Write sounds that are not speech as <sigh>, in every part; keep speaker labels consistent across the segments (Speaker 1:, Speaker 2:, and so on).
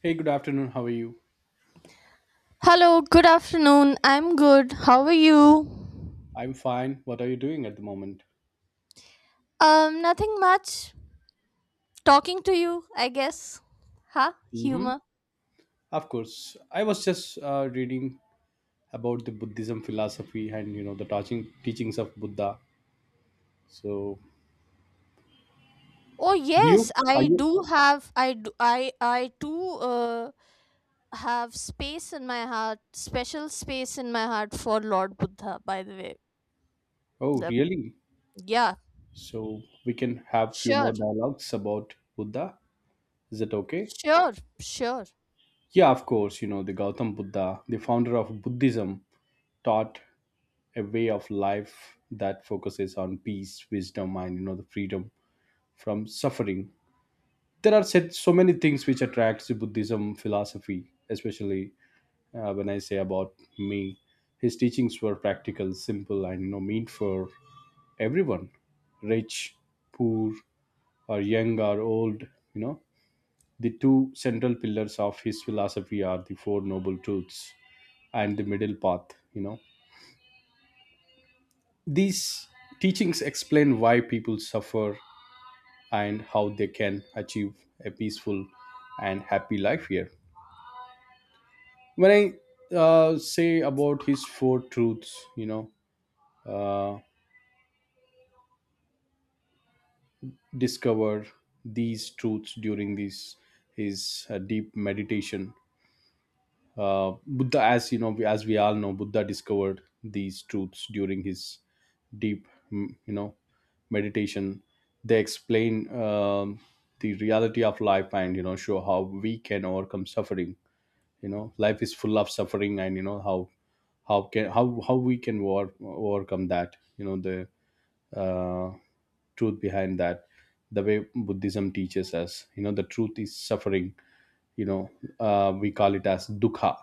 Speaker 1: Hey, good afternoon. How are you?
Speaker 2: Hello, good afternoon. I'm good. How are you?
Speaker 1: I'm fine. What are you doing at the moment?
Speaker 2: Nothing much. Talking to you, I guess. Huh?
Speaker 1: Mm-hmm.
Speaker 2: Humor.
Speaker 1: Of course. I was just reading about the Buddhism philosophy and you know the touching teachings of Buddha. So,
Speaker 2: Oh
Speaker 1: do you?
Speaker 2: yes,
Speaker 1: Are
Speaker 2: I
Speaker 1: you?
Speaker 2: do have I do I too have space in my heart, special space in my heart for Lord Buddha, by the way.
Speaker 1: Oh,
Speaker 2: The,
Speaker 1: really?
Speaker 2: yeah,
Speaker 1: So we can have few
Speaker 2: sure.
Speaker 1: more dialogues about Buddha. Is it okay?
Speaker 2: Sure, sure.
Speaker 1: Yeah, of course. You know the Gautam Buddha, the founder of Buddhism, taught a way of life that focuses on peace, wisdom, and you know the freedom from suffering. There are set, so many things which attracts the Buddhism philosophy, especially when I say about me, his teachings were practical, simple, and you know mean for everyone, rich, poor, or young or old, you know. The two central pillars of his philosophy are the four noble truths and the middle path, you know. These teachings explain why people suffer and how they can achieve a peaceful and happy life here. When I say about his four truths, you know, uh, discover these truths during these, his deep meditation. Buddha, as you know, as we all know, Buddha discovered these truths during his deep you know meditation. They explain um, the reality of life, and you know show how we can overcome suffering. You know, life is full of suffering, and you know how can how we can war, overcome that, you know, the uh, truth behind that. The way Buddhism teaches us, you know, the truth is suffering, you know, we call it as dukkha.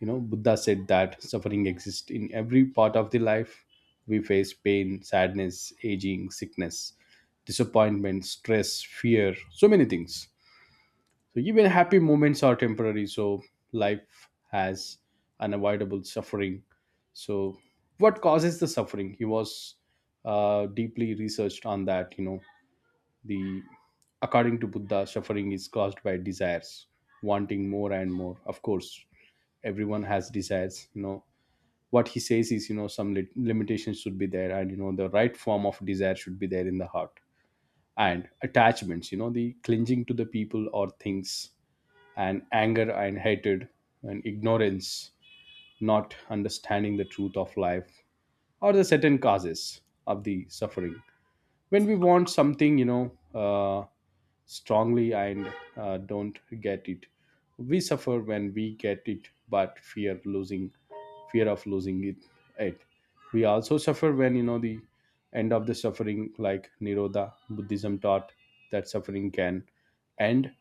Speaker 1: You know, Buddha said that suffering exists in every part of the life. We face pain, sadness, aging, sickness, disappointment, stress, fear, so many things. So even happy moments are temporary. So life has unavoidable suffering. So what causes the suffering? He was deeply researched on that. You know, the according to Buddha, suffering is caused by desires, wanting more and more. Of course, everyone has desires. You know, what he says is, you know, some limitations should be there, and you know, the right form of desire should be there in the heart, and attachments. You know, the clinging to the people or things, and anger and hatred, and ignorance, not understanding the truth of life or the certain causes of the suffering. When we want something, you know, strongly and don't get it, we suffer when we get it, but fear losing, fear of losing it. We also suffer when you know the end of the suffering, like Nirodha Buddhism taught that suffering can end,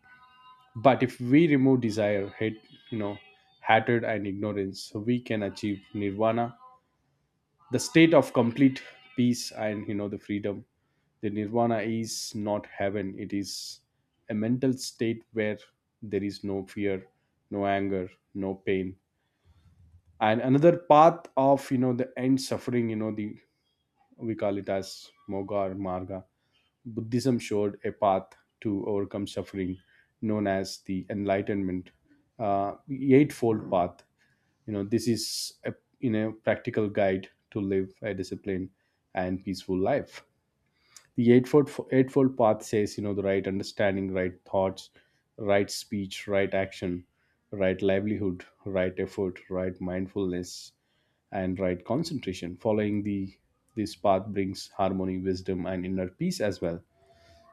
Speaker 1: but if we remove desire, hate, you know, hatred and ignorance, so we can achieve nirvana, the state of complete peace, and you know the freedom. The nirvana is not heaven, it is a mental state where there is no fear, no anger, no pain. And another path of you know the end suffering, you know the we call it as moga or marga. Buddhism showed a path to overcome suffering, known as the Enlightenment Eightfold Path. You know, this is a in a practical guide to live a disciplined and peaceful life. The eightfold path says, you know, the right understanding, right thoughts, right speech, right action, right livelihood, right effort, right mindfulness, and right concentration. Following the this path brings harmony, wisdom, and inner peace as well.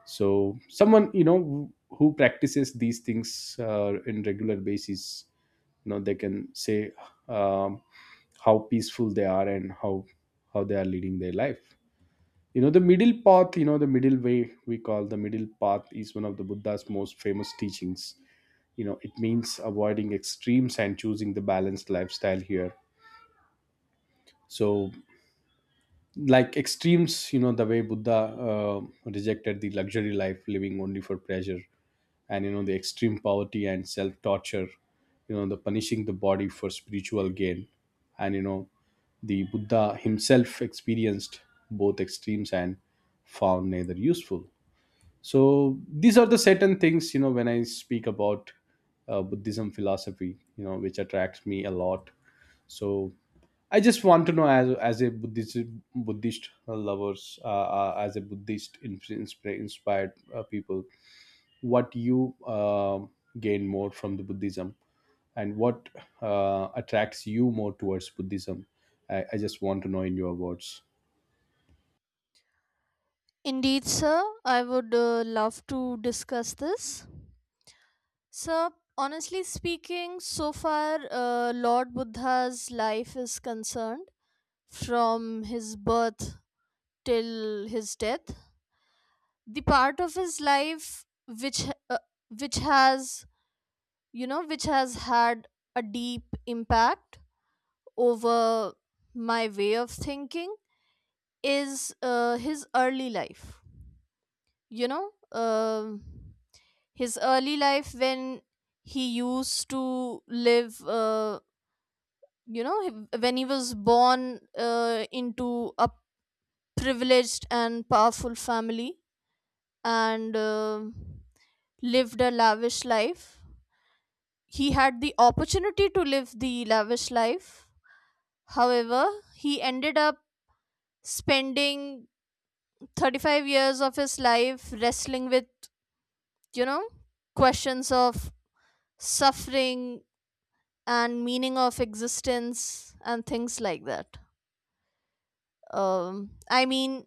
Speaker 1: So someone, you know, who practices these things in regular basis, you know, they can say um, how peaceful they are and how they are leading their life. You know the middle path, you know the middle way, we call the middle path is one of the Buddha's most famous teachings. You know, it means avoiding extremes and choosing the balanced lifestyle here. So like extremes, you know the way Buddha rejected the luxury life, living only for pleasure, and you know the extreme poverty and self torture, you know the punishing the body for spiritual gain. And you know the Buddha himself experienced both extremes and found neither useful. So these are the certain things, you know, when I speak about Buddhism philosophy, you know, which attracts me a lot. So I just want to know as a Buddhist, Buddhist lovers, as a Buddhist inspired people, what you gain more from the Buddhism and what attracts you more towards Buddhism. I just want to know in your words.
Speaker 2: Indeed, sir. I would love to discuss this. So, honestly speaking, so far, Lord Buddha's life is concerned, from his birth till his death. The part of his life uh, which has you know which has had a deep impact over my way of thinking is his early life. You know, um his early life when he used to live. You know when he was born into a privileged and powerful family and lived a lavish life. He had the opportunity to live the lavish life, however he ended up spending 35 years of his life wrestling with, you know, questions of suffering and meaning of existence and things like that. I mean,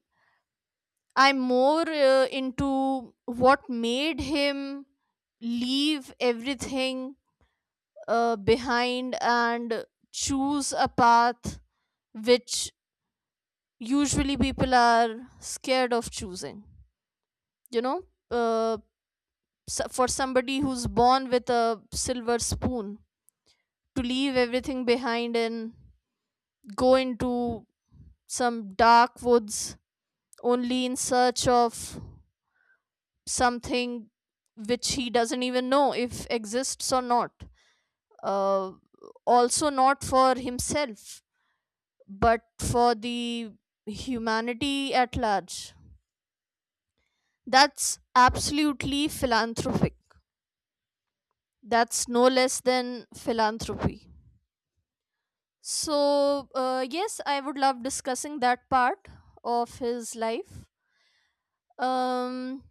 Speaker 2: I'm more into what made him leave everything behind and choose a path which usually people are scared of choosing. You know, uh, for somebody who's born with a silver spoon, to leave everything behind and go into some dark woods only in search of something which he doesn't even know if exists or not, uh, also not for himself but for the humanity at large. That's absolutely philanthropic. That's no less than philanthropy. So yes, I would love discussing that part of his life. um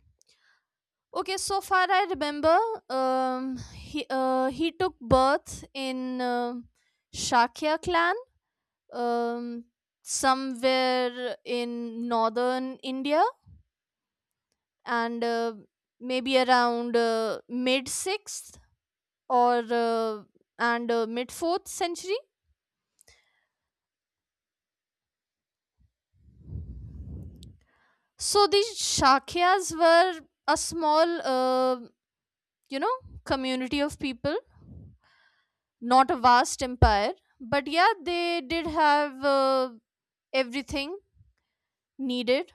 Speaker 2: Okay, so far I remember, um, he took birth in Shakya clan, um, somewhere in northern India, and maybe around mid 6th or and mid 4th century. So these Shakyas were a small you know community of people, not a vast empire, but yeah, they did have everything needed.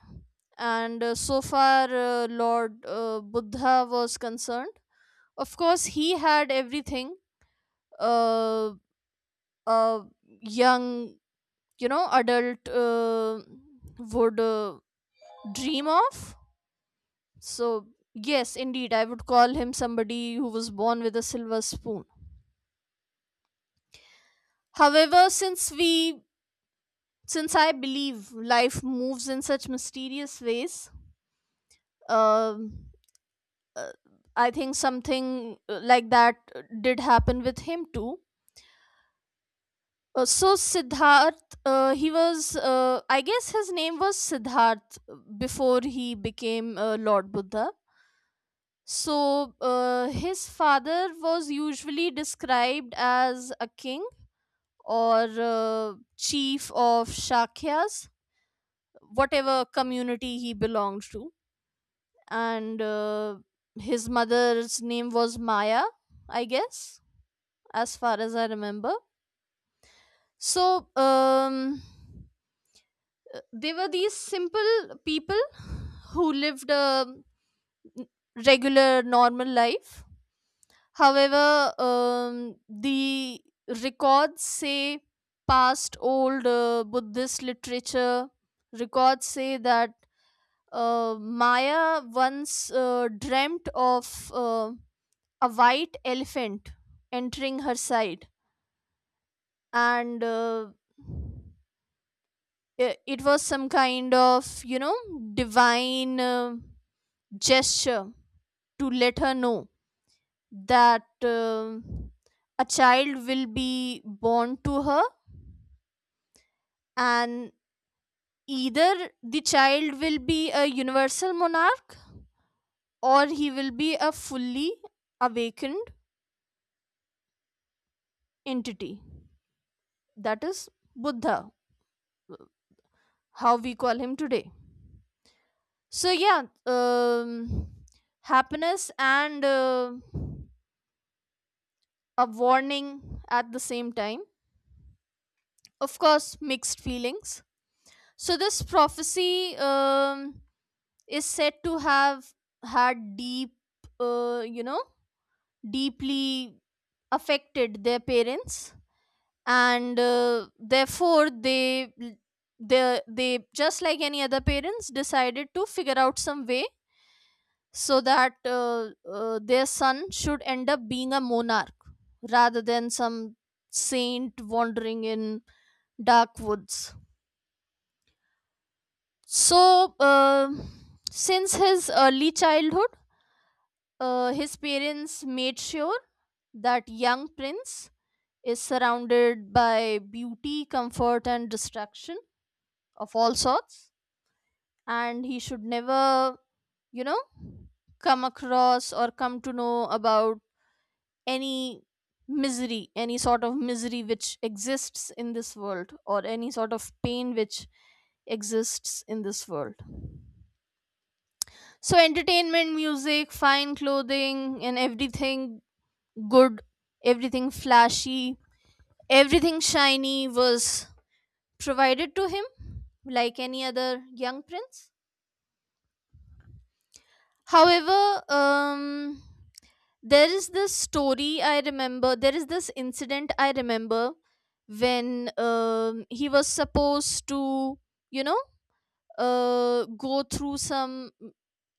Speaker 2: And so far lord Buddha was concerned, of course he had everything uh, a young, you know, adult would dream of. So yes, indeed, I would call him somebody who was born with a silver spoon. However since we Since I believe life moves in such mysterious ways, um, uh, I think something like that did happen with him too. So Siddharth, he was, I guess his name was Siddharth before he became Lord Buddha. So his father was usually described as a king or chief of Shakyas, whatever community he belonged to, and his mother's name was Maya, I guess, as far as I remember. So they were these simple people who lived a regular, normal life. However, the records say, past old Buddhist literature records say that Maya once dreamt of. A white elephant entering her side, and it was some kind of, you know, divine gesture to let her know that a child will be born to her, and either the child will be a universal monarch or he will be a fully awakened entity, that is Buddha, uh, how we call him today. So yeah, happiness and a warning at the same time. Of course, mixed feelings. So this prophecy is said to have had deep, uh, you know, deeply affected their parents, and therefore they just like any other parents decided to figure out some way so that their son should end up being a monarch rather than some saint wandering in dark woods. So, since his early childhood, his parents made sure that young prince is surrounded by beauty, comfort, and distraction of all sorts, and he should never, you know, come across or come to know about any misery, any sort of misery which exists in this world, or any sort of pain which exists in this world. So entertainment, music, fine clothing and everything good, everything flashy, everything shiny was provided to him like any other young prince. However, there is this story I remember. There is this incident I remember when he was supposed to, you know, go through some.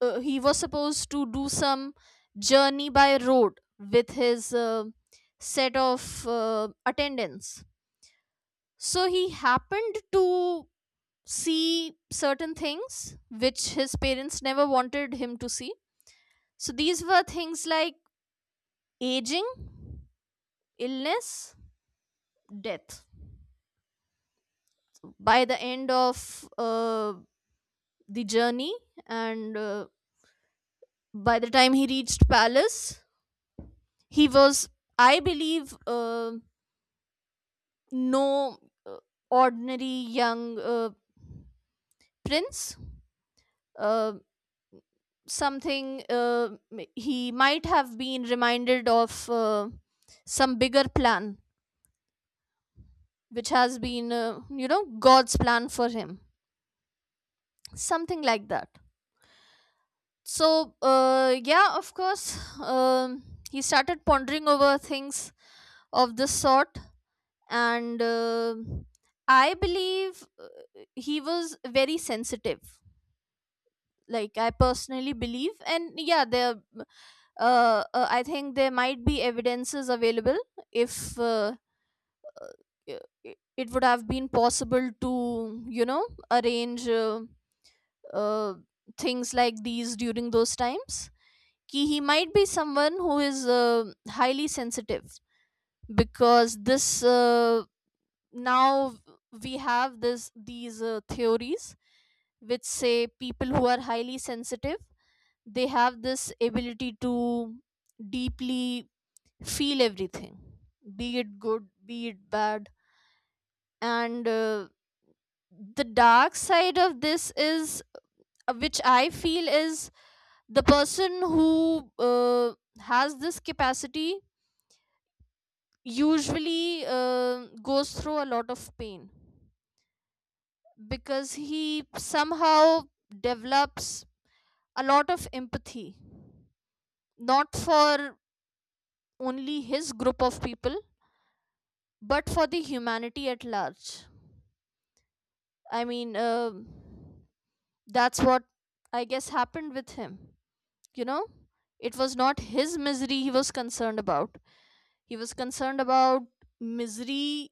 Speaker 2: He was supposed to do some journey by road with his set of attendants. So he happened to see certain things which his parents never wanted him to see. So these were things like aging, illness, death. By the end of the journey, and by the time he reached palace, he was, I believe, no uh, ordinary young prince. Uh, he might have been reminded of some bigger plan, which has been, you know, God's plan for him. Something like that. So yeah, of course, um, he started pondering over things of this sort. And I believe he was very sensitive, like I personally believe. And yeah, there I think there might be evidences available if uh, it would have been possible to, you know, arrange uh, things like these during those times, ki he might be someone who is highly sensitive. Because this uh, now we have this these theories which say people who are highly sensitive, they have this ability to deeply feel everything, be it good, be it bad. And the dark side of this is, which I feel is, the person who uh, has this capacity usually goes through a lot of pain because he somehow develops a lot of empathy, not for only his group of people but for the humanity at large. I mean, that's what I guess happened with him. You know, it was not his misery he was concerned about, he was concerned about misery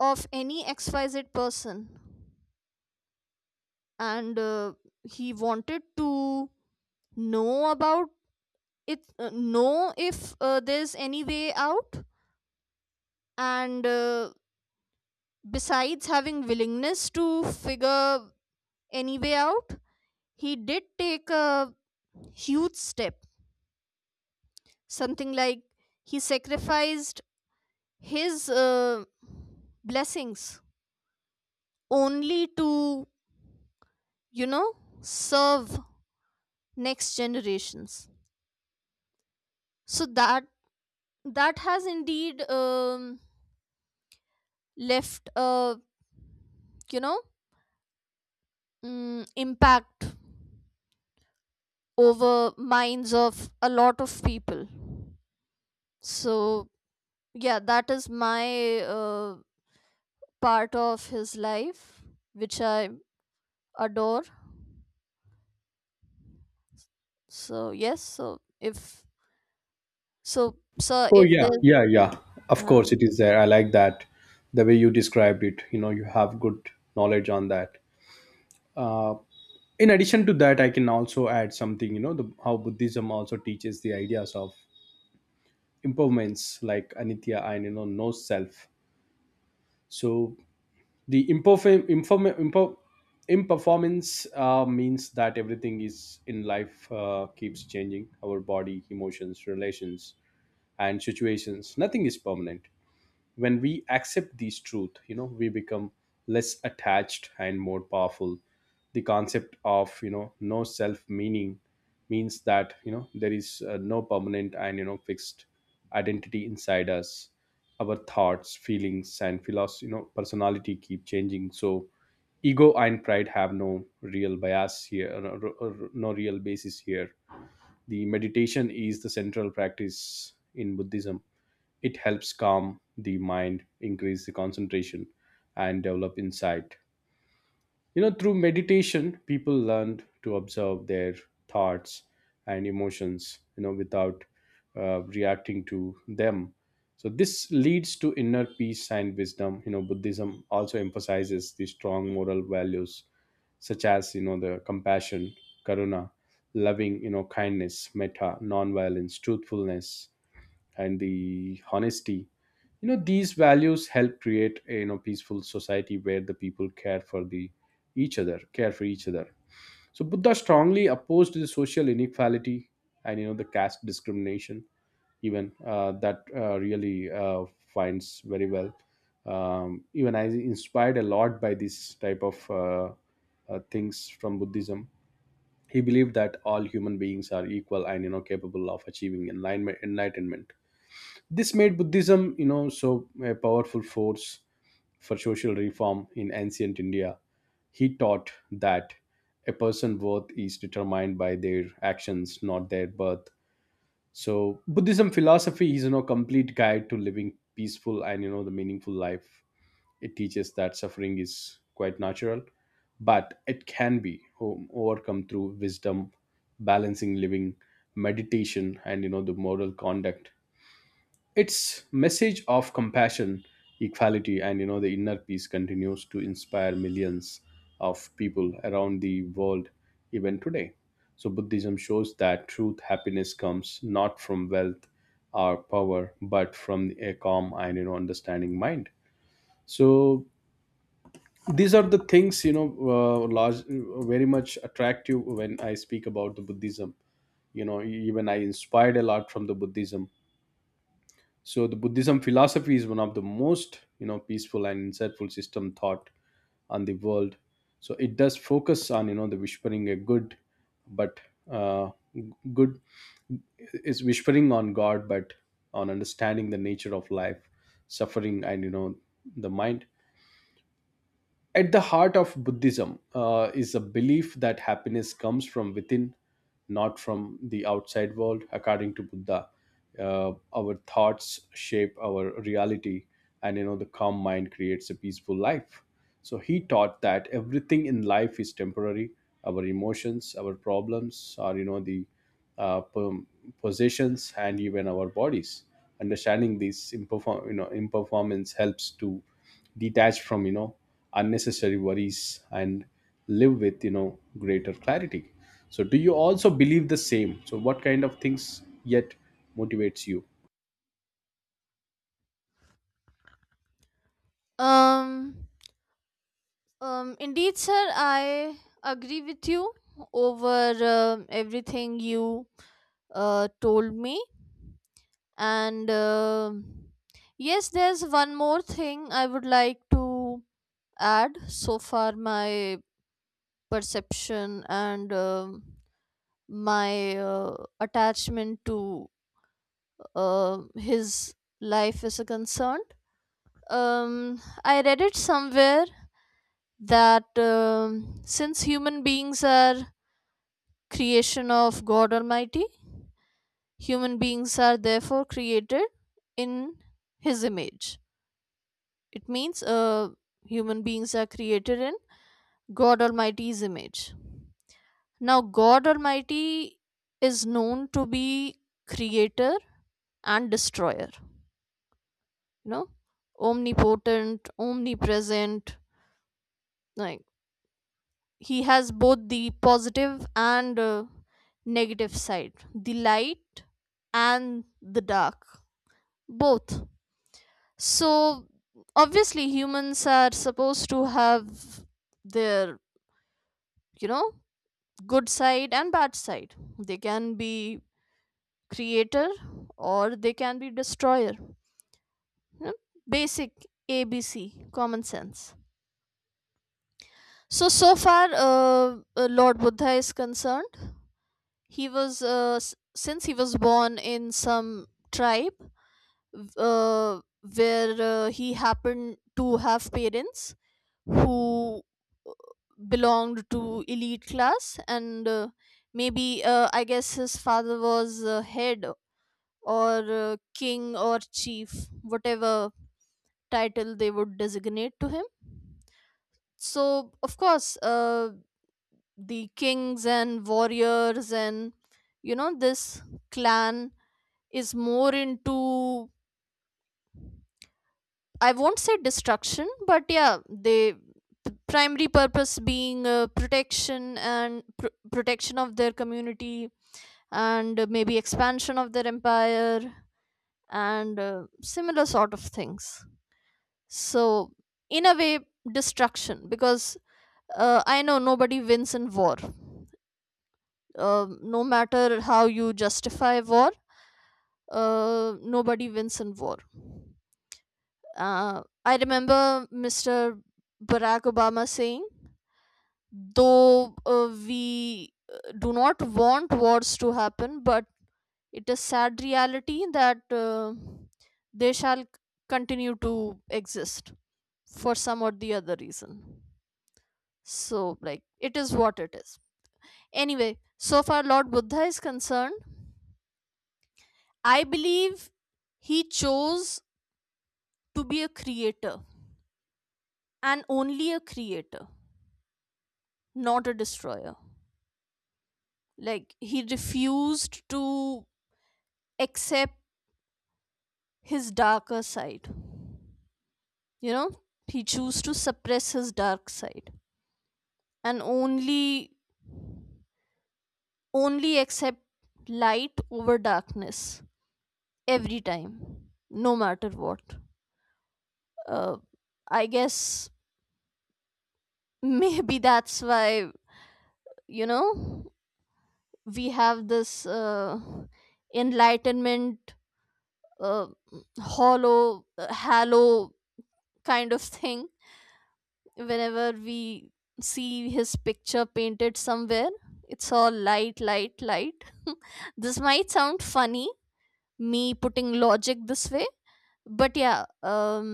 Speaker 2: of any xyz person. And he wanted to know about it, know if there's any way out. And besides having willingness to figure any way out, he did take a huge step, something like he sacrificed his blessings only to, you know, serve next generations. So that that has indeed left a, you know, impact over minds of a lot of people. So yeah, that is my part of his life which I adore. So yes, so if so sir,
Speaker 1: Oh
Speaker 2: if
Speaker 1: yeah,
Speaker 2: there's
Speaker 1: yeah, yeah. Of
Speaker 2: uh,
Speaker 1: course, it is there. I like that, the way you described it. You know, you have good knowledge on that. Uh, in addition to that, I can also add something. You know, the, how Buddhism also teaches the ideas of impermanence, like anitya, and you know, no self. So the imperfect imperformance means that everything is in life keeps changing, our body, emotions, relations, and situations. Nothing is permanent. When we accept these truth, you know, we become less attached and more powerful. The concept of you know no self meaning means that you know there is no permanent and you know fixed identity inside us. Our thoughts, feelings, and philosophy, you know, personality keep changing, so ego and pride have no real bias here, or no real basis here. The meditation is the central practice in Buddhism. It helps calm the mind, increase the concentration, and develop insight. You know, through meditation, people learn to observe their thoughts and emotions, you know, without reacting to them. So, this leads to inner peace and wisdom. You know, Buddhism also emphasizes the strong moral values such as, you know, the compassion, karuna, loving, you know, kindness, metta, non violence, truthfulness, and the honesty. You know these values help create a you know peaceful society where the each other, care for each other. So Buddha strongly opposed the social inequality and you know the caste discrimination. Even that really finds very well. Even I inspired a lot by this type of things from Buddhism. He believed that all human beings are equal and you know capable of achieving enlightenment. This made Buddhism, you know, so a powerful force for social reform in ancient India. He taught that a person's worth is determined by their actions, not their birth. So Buddhism philosophy is, you know, complete guide to living peaceful and you know the meaningful life. It teaches that suffering is quite natural, but it can be overcome through wisdom, balancing living, meditation, and you know the moral conduct. Its message of compassion, equality, and you know the inner peace continues to inspire millions of people around the world, even today. So Buddhism shows that truth happiness comes not from wealth or power but from a calm and you know understanding mind. So these are the things, you know, large, very much attractive when I speak about the Buddhism. You know, even I inspired a lot from the Buddhism. So the Buddhism philosophy is one of the most, you know, peaceful and insightful system thought on the world. So it does focus on, you know, the whispering a good, but uh, good is whispering on God, but on understanding the nature of life, suffering, and you know, the mind. At the heart of Buddhism is a belief that happiness comes from within, not from the outside world. According to Buddha, our thoughts shape our reality, and you know the calm mind creates a peaceful life. So he taught that everything in life is temporary. Our emotions, our problems, or you know the uh, p- possessions, and even our bodies. Understanding this imperform, you know, imperformance helps to detach from you know unnecessary worries and live with you know greater clarity. So do you also believe the same? So what kind of things yet motivates you?
Speaker 2: um indeed, sir, I agree with you over everything you told me. And yes, there's one more thing I would like to add. So far, my perception and my attachment to his life is a concern. I read it somewhere that since human beings are creation of God Almighty, human beings are therefore created in His image. It means human beings are created in God Almighty's image. Now, God Almighty is known to be creator and destroyer, you know, omnipotent, omnipresent. Like, he has both the positive and negative side, the light and the dark, both. So, obviously, humans are supposed to have their, you know, good side and bad side. They can be creator or they can be destroyer. Yeah, basic ABC common sense. So so far, Lord Buddha is concerned. He was since he was born in some tribe uh, where he happened to have parents who uh, belonged to elite class. And maybe I guess his father was head or king or chief, whatever title they would designate to him. So, of course, the kings and warriors and, you know, this clan is more into, I won't say destruction, but yeah, primary purpose being protection of their community, and maybe expansion of their empire, and similar sort of things. So, in a way, destruction, because I know nobody wins in war. No matter how you justify war, nobody wins in war. I remember Mr. Barack Obama saying, though we do not want wars to happen, but it is sad reality that they shall continue to exist for some or the other reason. So, like, it is what it is. Anyway, so far Lord Buddha is concerned, I believe he chose to be a creator and only a creator, not a destroyer. Like, he refused to accept his darker side. You know, he chose to suppress his dark side and only accept light over darkness every time, no matter what. Uh, I guess maybe that's why, you know, we have this enlightenment uh, hollow hallow kind of thing whenever we see his picture painted somewhere. It's all light, <laughs> this might sound funny, me putting logic this way. But yeah, um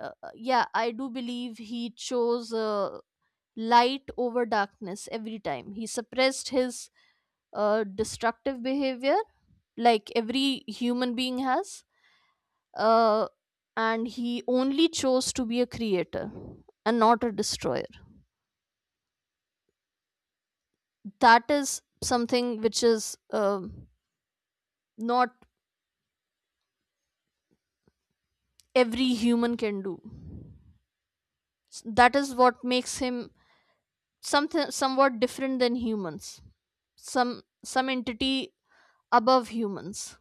Speaker 2: uh, yeah, I do believe he chose light over darkness every time. He suppressed his destructive behavior, like every human being has, uh, and he only chose to be a creator and not a destroyer. That is something which is not every human can do. That is what makes him something somewhat different than humans. Some entity above humans.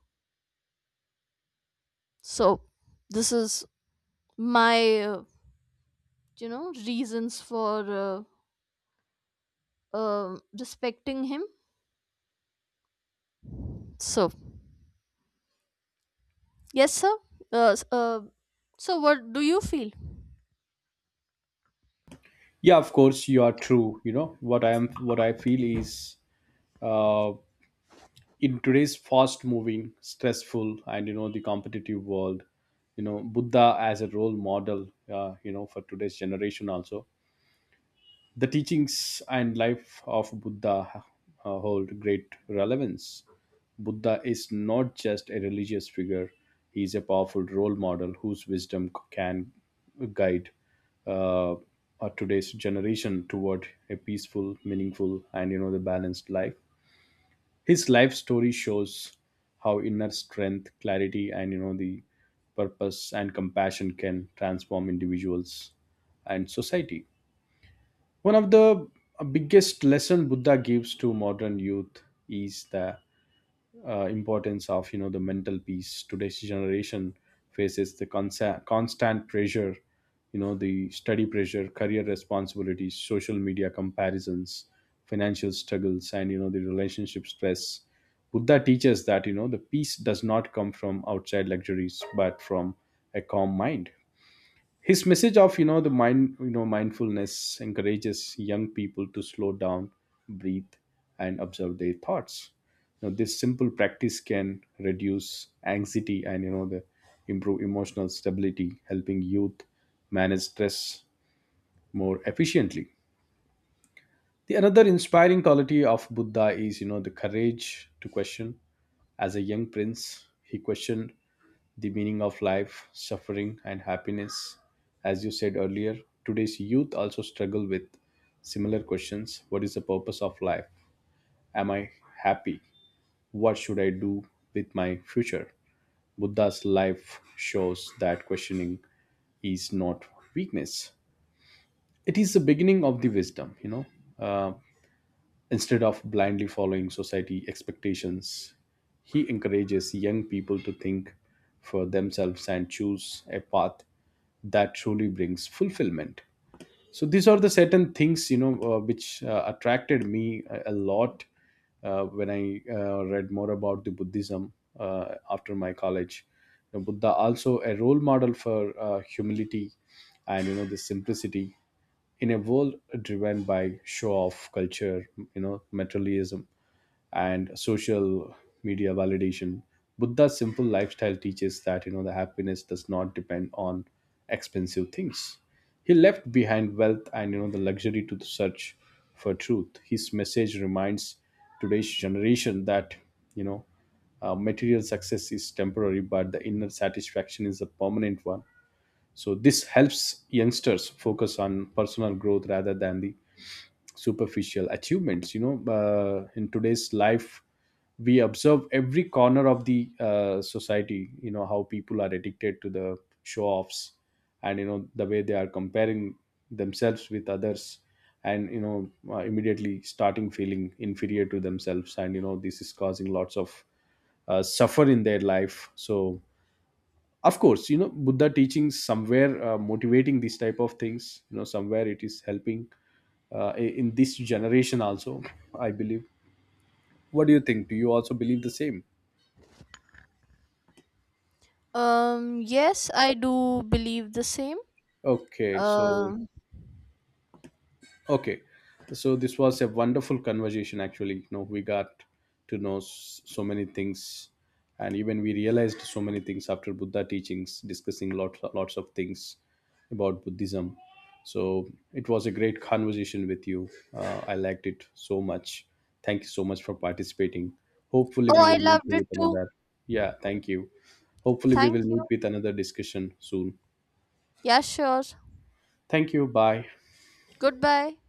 Speaker 2: So this is my you know reasons for uh, respecting him. So yes, sir, uh, s- uh, so what do you feel?
Speaker 1: Yeah, of course, you are true. You know what I am, what I feel is uh, in today's fast moving, stressful, and you know the competitive world, you know, Buddha as a role model, you know, for today's generation also. The teachings and life of Buddha hold great relevance. Buddha is not just a religious figure, he is a powerful role model whose wisdom can guide today's generation toward a peaceful, meaningful, and you know, the balanced life. His life story shows how inner strength, clarity, and you know, the purpose and compassion can transform individuals and society. One of the biggest lesson Buddha gives to modern youth is the importance of you know the mental peace. Today's generation faces the constant pressure, you know the study pressure, career responsibilities, social media comparisons, financial struggles, and you know the relationship stress. Buddha teaches that you know the peace does not come from outside luxuries, but from a calm mind. His message of you know the mind, you know, mindfulness encourages young people to slow down, breathe, and observe their thoughts. You know, this simple practice can reduce anxiety and you know the improve emotional stability, helping youth manage stress more efficiently. The another inspiring quality of Buddha is you know the courage to question. As a young prince, he questioned the meaning of life, suffering, and happiness. As you said earlier, today's youth also struggle with similar questions. What is the purpose of life? Am I happy? What should I do with my future? Buddha's life shows that questioning is not weakness. It is the beginning of the wisdom, you know. Uh, Instead of blindly following society expectations, he encourages young people to think for themselves and choose a path that truly brings fulfillment. So these are the certain things, you know, which attracted me a lot when I read more about the Buddhism after my college. You know, Buddha also a role model for humility and you know the simplicity in a world driven by show off culture, you know, materialism and social media validation. Buddha's simple lifestyle teaches that you know the happiness does not depend on expensive things. He left behind wealth and you know the luxury to the search for truth. His message reminds today's generation that you know material success is temporary but the inner satisfaction is a permanent one. So this helps youngsters focus on personal growth rather than the superficial achievements. You know, in today's life, we observe every corner of the society, you know, how people are addicted to the show offs and you know the way they are comparing themselves with others, and you know immediately starting feeling inferior to themselves, and you know this is causing lots of suffer in their life. So of course, you know, Buddha teachings somewhere motivating these type of things, you know, somewhere it is helping in this generation also, I believe. What do you think? Do you also believe the same?
Speaker 2: Yes, I do believe the same.
Speaker 1: Okay, so
Speaker 2: um
Speaker 1: Okay, so this was a wonderful conversation. Actually, you know, we got to know so many things, and even we realized so many things after Buddha teachings, discussing lots of things about Buddhism. So it was a great conversation with you. I liked it so much. Thank you so much for participating. Hopefully, we
Speaker 2: oh, I
Speaker 1: will meet
Speaker 2: loved it
Speaker 1: with
Speaker 2: too.
Speaker 1: another. Yeah, thank you. Hopefully, we
Speaker 2: Thank
Speaker 1: will
Speaker 2: you.
Speaker 1: meet with another discussion soon.
Speaker 2: Yeah, sure.
Speaker 1: Thank you. Bye.
Speaker 2: Goodbye.